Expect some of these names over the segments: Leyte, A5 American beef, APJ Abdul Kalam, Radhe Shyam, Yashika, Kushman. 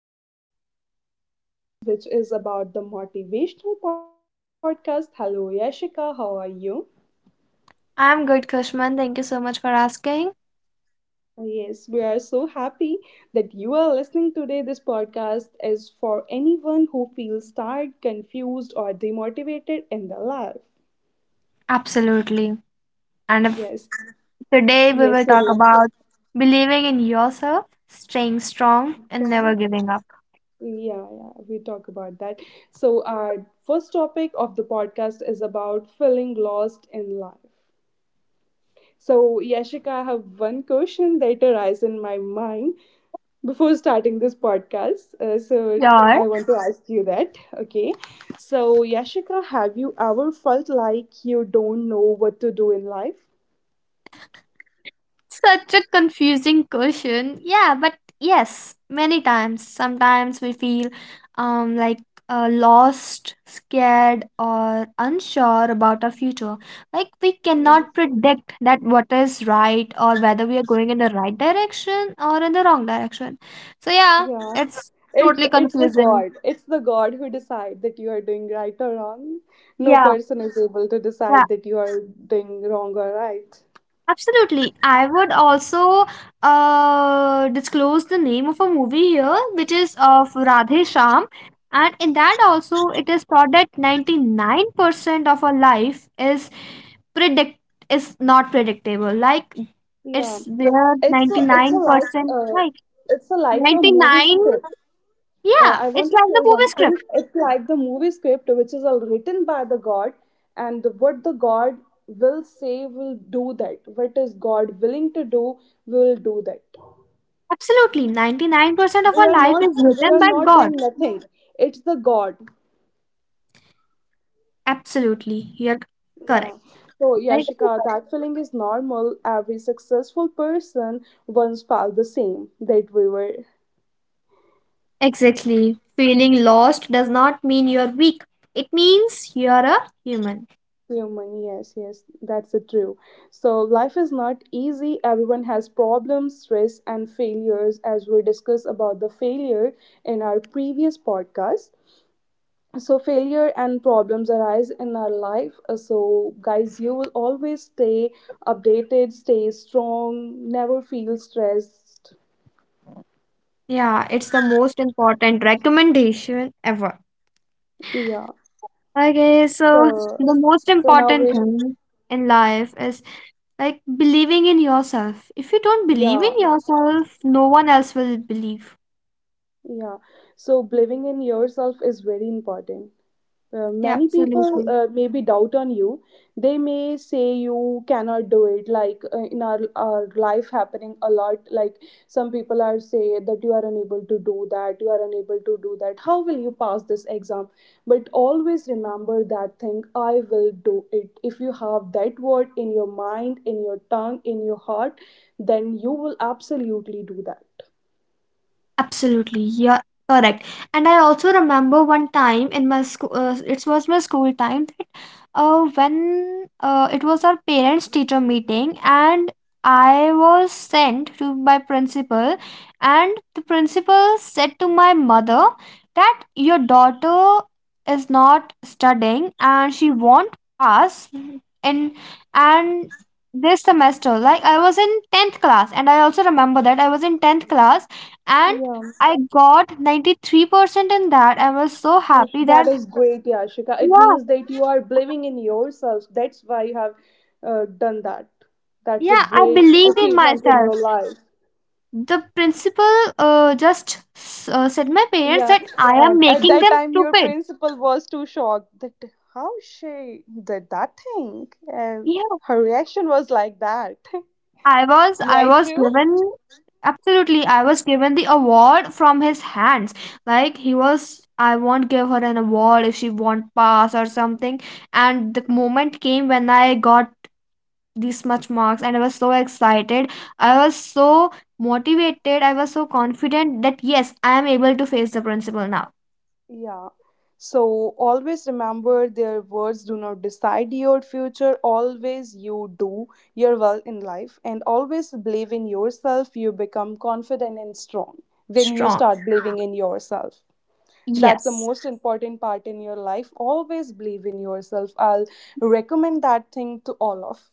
Welcome to our podcast, which is about the motivational podcast. Hello, Yashika. How are you? I'm good, Kushman. Thank you so much for asking. Yes, we are so happy that you are listening today. This podcast is for anyone who feels tired, confused, or demotivated in their life. Absolutely. And if- Yes, Today we will talk yesterday. about believing in yourself, staying strong, and never So, giving up. yeah, yeah, we talk about that. So, our first topic of the podcast is about feeling lost in life. So, Yashika, I have one question that arises in my mind before starting this podcast. Yeah. I want to ask you that. Okay. So, Yashika, have you ever felt like you don't know what to do in life? Such a confusing question. Yeah, but yes, many times. Sometimes we feel um like lost, scared, or unsure about our future. Like we Yes. cannot predict that what is right or whether we are going in the right direction or in the wrong direction. So yeah, Yeah. it's It's totally it's the confusing. God. It's the God who decides that you are doing right or wrong. No Yeah, person is able to yeah. decide that you are doing wrong or right. Absolutely. I would also disclose the name of a movie here, which is of Radhe Shyam. And in that also, it is taught that 99% of our life is predict is not predictable. Like Yeah. it's where It's a it's a like 99%, uh, like it's a, like a movie 99, script. I yeah, want to it's like say the movie one thing. script. It's like the movie script, which is all written by the God, and what the God will say will do that. What is God willing to do will do that. Absolutely. 99% of We our are life not is we written are by not doing God. nothing. It's the God. Absolutely. You're Yeah. correct. So Right? Yashika, that feeling is normal. Every successful person once felt the same that we were Exactly. Feeling lost does not mean you're weak. It means you're a human. Human, yes, yes, that's the true. So life is not easy. Everyone has problems, stress, and failures, as we discussed about the failure in our previous podcast. So failure and problems arise in our life. So guys, you will always stay updated, stay strong, never feel stressed. Yeah, it's the most important recommendation ever. Yeah. Okay, so So the most so now we important thing in life is like believing in yourself. If you don't believe yeah, in yourself, no one else will believe. yeah. So believing in yourself is very important. Yeah, Many people absolutely. Maybe doubt on you, they may say you cannot do it like in our life, happening a lot, like some people are say that you are unable to do that, you are unable to do that, how will you pass this exam? But always remember that thing, I will do it. If you have that word in your mind, in your tongue, in your heart, then you will absolutely do that. Absolutely, yeah, correct. And I also remember one time in my school, it was my school time that when it was our parents teacher meeting, and I was sent to my principal, and the principal said to my mother that your daughter is not studying and she won't pass in and this semester. Like I was in 10th class, and I also remember that I was in 10th class, and Yeah. I got 93% in that. I was so That, happy that that, is great, Yashika. It yeah, means that you are believing in yourself. That's why you have done that. That's a yeah, I great believed in achievement in myself. your life. The principal just said my parents Yeah. that I am And at making that them time, your stupid. principal was too shocked that how she did that thing. And Yeah, her reaction was like that. I Yeah, was true. given absolutely, I was given the award from his hands. Like he was, I won't give her an award if she won't pass or something. And the moment came when I got this much marks, and I was so excited, I was so motivated, I was so confident that yes, I am able to face the principal now Yeah. So always remember, their words do not decide your future. Always you do your well in life and always believe in yourself. You become confident and strong when you strong. start believing in yourself. That's the Yes. most important part in your life. Always believe in yourself. I'll recommend that thing to all of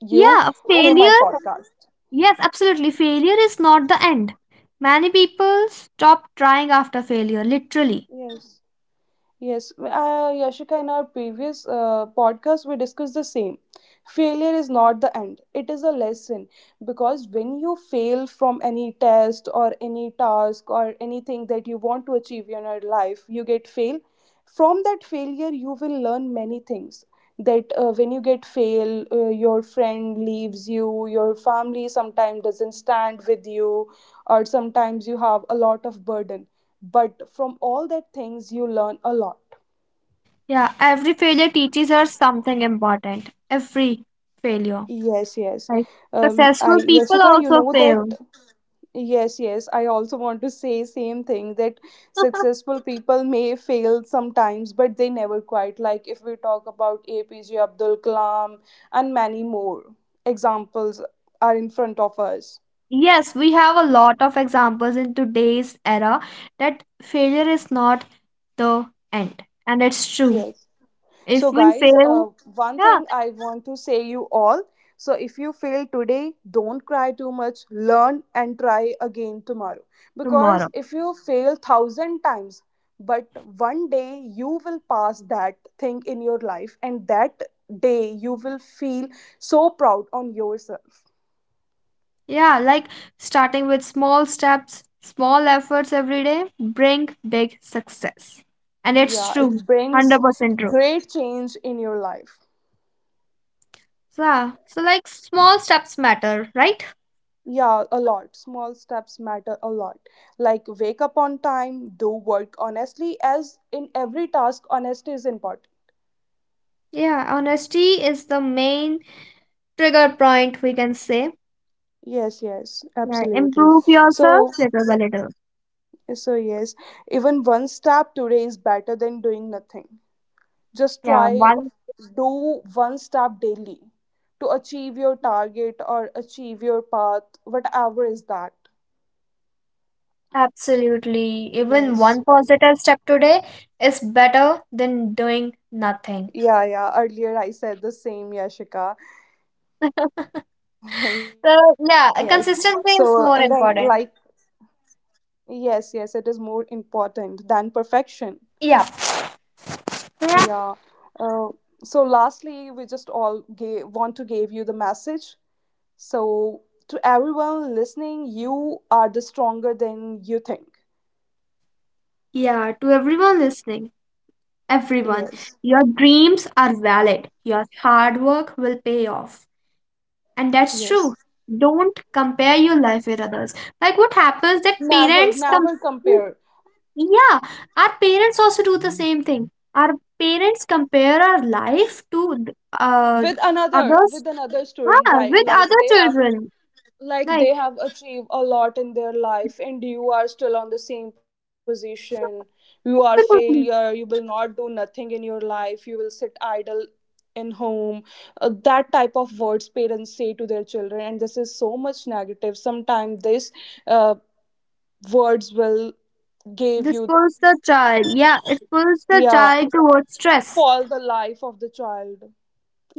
you Yeah, through my failure. podcast. Yes, absolutely, failure is not the end. Many people stop trying after failure, literally. Yes. Yes, Yashika, in our previous podcast, we discussed the same. Failure is not the end, it is a lesson, because when you fail from any test or any task or anything that you want to achieve in your life, you get fail. From that failure, you will learn many things. That when you get fail, your friend leaves you, your family sometimes doesn't stand with you, or sometimes you have a lot of burden, but from all that things you learn a lot. Yeah, every failure teaches us something important. Every failure Yes, yes. like um Successful i people Yashika, you also know fail. that, yes, yes, I also want to say same thing that successful people may fail sometimes, but they never quite. Like if we talk about APJ Abdul Kalam and many more examples are in front of us. Yes, we have a lot of examples in today's era that failure is not the end. And it's true. Yes. So, If we guys, fail, one yeah, thing I want to say you all. So, if you fail today, don't cry too much. Learn and try again tomorrow. Because tomorrow. if you fail thousand times, but one day you will pass that thing in your life, and that day you will feel so proud on yourself. Yeah, like starting with small steps, small efforts every day bring big success. And it's Yeah, true. it brings 100% true. great change in your life. So, yeah, so like small steps matter, right? Yeah, a lot. Small steps matter a lot. Like wake up on time, do work honestly, as in every task, honesty is important. Yeah, honesty is the main trigger point we can say. Yes, yes, Yeah, absolutely. improve yourself So, little by little. so yes, even one step today is better than doing nothing. Just Yeah, try, do one step daily to achieve your target or achieve your path, whatever is that. absolutely. Even Yes. one positive step today is better than doing nothing. Yeah, yeah. Earlier I said the same, Yashika. Yes. So, yeah, So, and consistency then is like, more important. yes, yes, it is more important than perfection. Yeah. Yeah. Yeah. Uh, so lastly, we just all gave, want to give you the message. So to everyone listening, you are the stronger than you think. Yeah, to everyone listening, everyone, Yes, your dreams are valid. Your hard work will pay off. And that's yes. true. Don't compare your life with others. Like what happens that Never, parents never compare, compare yeah, our parents also do the same thing. Our parents compare our life to th- with another, others with another student, ah that with like other they have, children. like Like, they have achieved a lot in their life and you are still on the same position, you are "Hey, failure, Putni," you will not do nothing in your life, you will sit idle in home. That type of words parents say to their children and this is so much negative. Sometimes this uh, words will give this you, pulls the child. Yeah, it pulls the yeah, child towards stress. spoil the life of the child.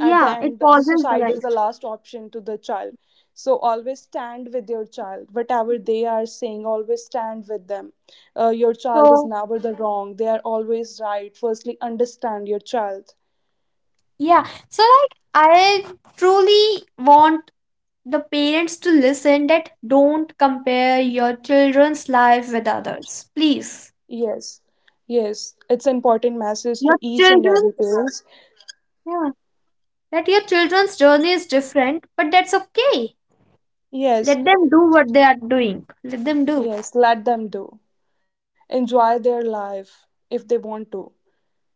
At the it end the pauses the suicide is life. the last option to the child. So always stand with your child, whatever they are saying, always stand with them. Your child is So, never the wrong, they are always right, firstly understand your child. yeah, so like, I truly want the parents to listen that don't compare your children's life with others. Please. Yes, yes, it's important message to Your each and every children's. parents. Yeah. That your children's journey is different, but that's okay. Yes, Let them do what they are doing. Let them do. yes, let them do, enjoy their life if they want to.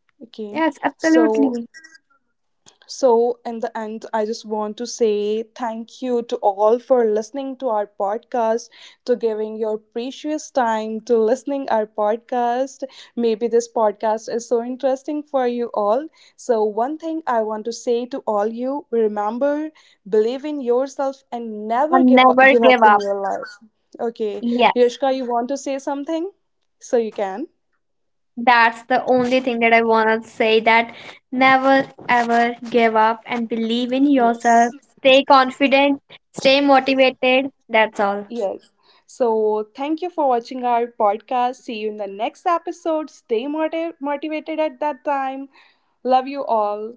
Okay, Yes, so, absolutely. so, in the end, I just want to say thank you to all for listening to our podcast, to giving your precious time to listening our podcast. Maybe this podcast is so interesting for you all. So, one thing I want to say to all you: remember, believe in yourself and never And give up, never give up give in up. your life. Okay, Yes. Yashka, you want to say something? So you can. That's the only thing that I want to say, that never ever give up and believe in Yes. yourself. Stay confident, stay motivated. That's all. Yes. So, thank you for watching our podcast. See you in the next episode. Stay motivated at that time. Love you all.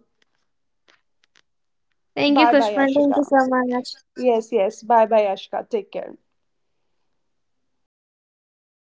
Thank you, Bye bye, Kushman. Thank Ashika. you so much. Yes, yes. Bye bye, Ashika. Take care.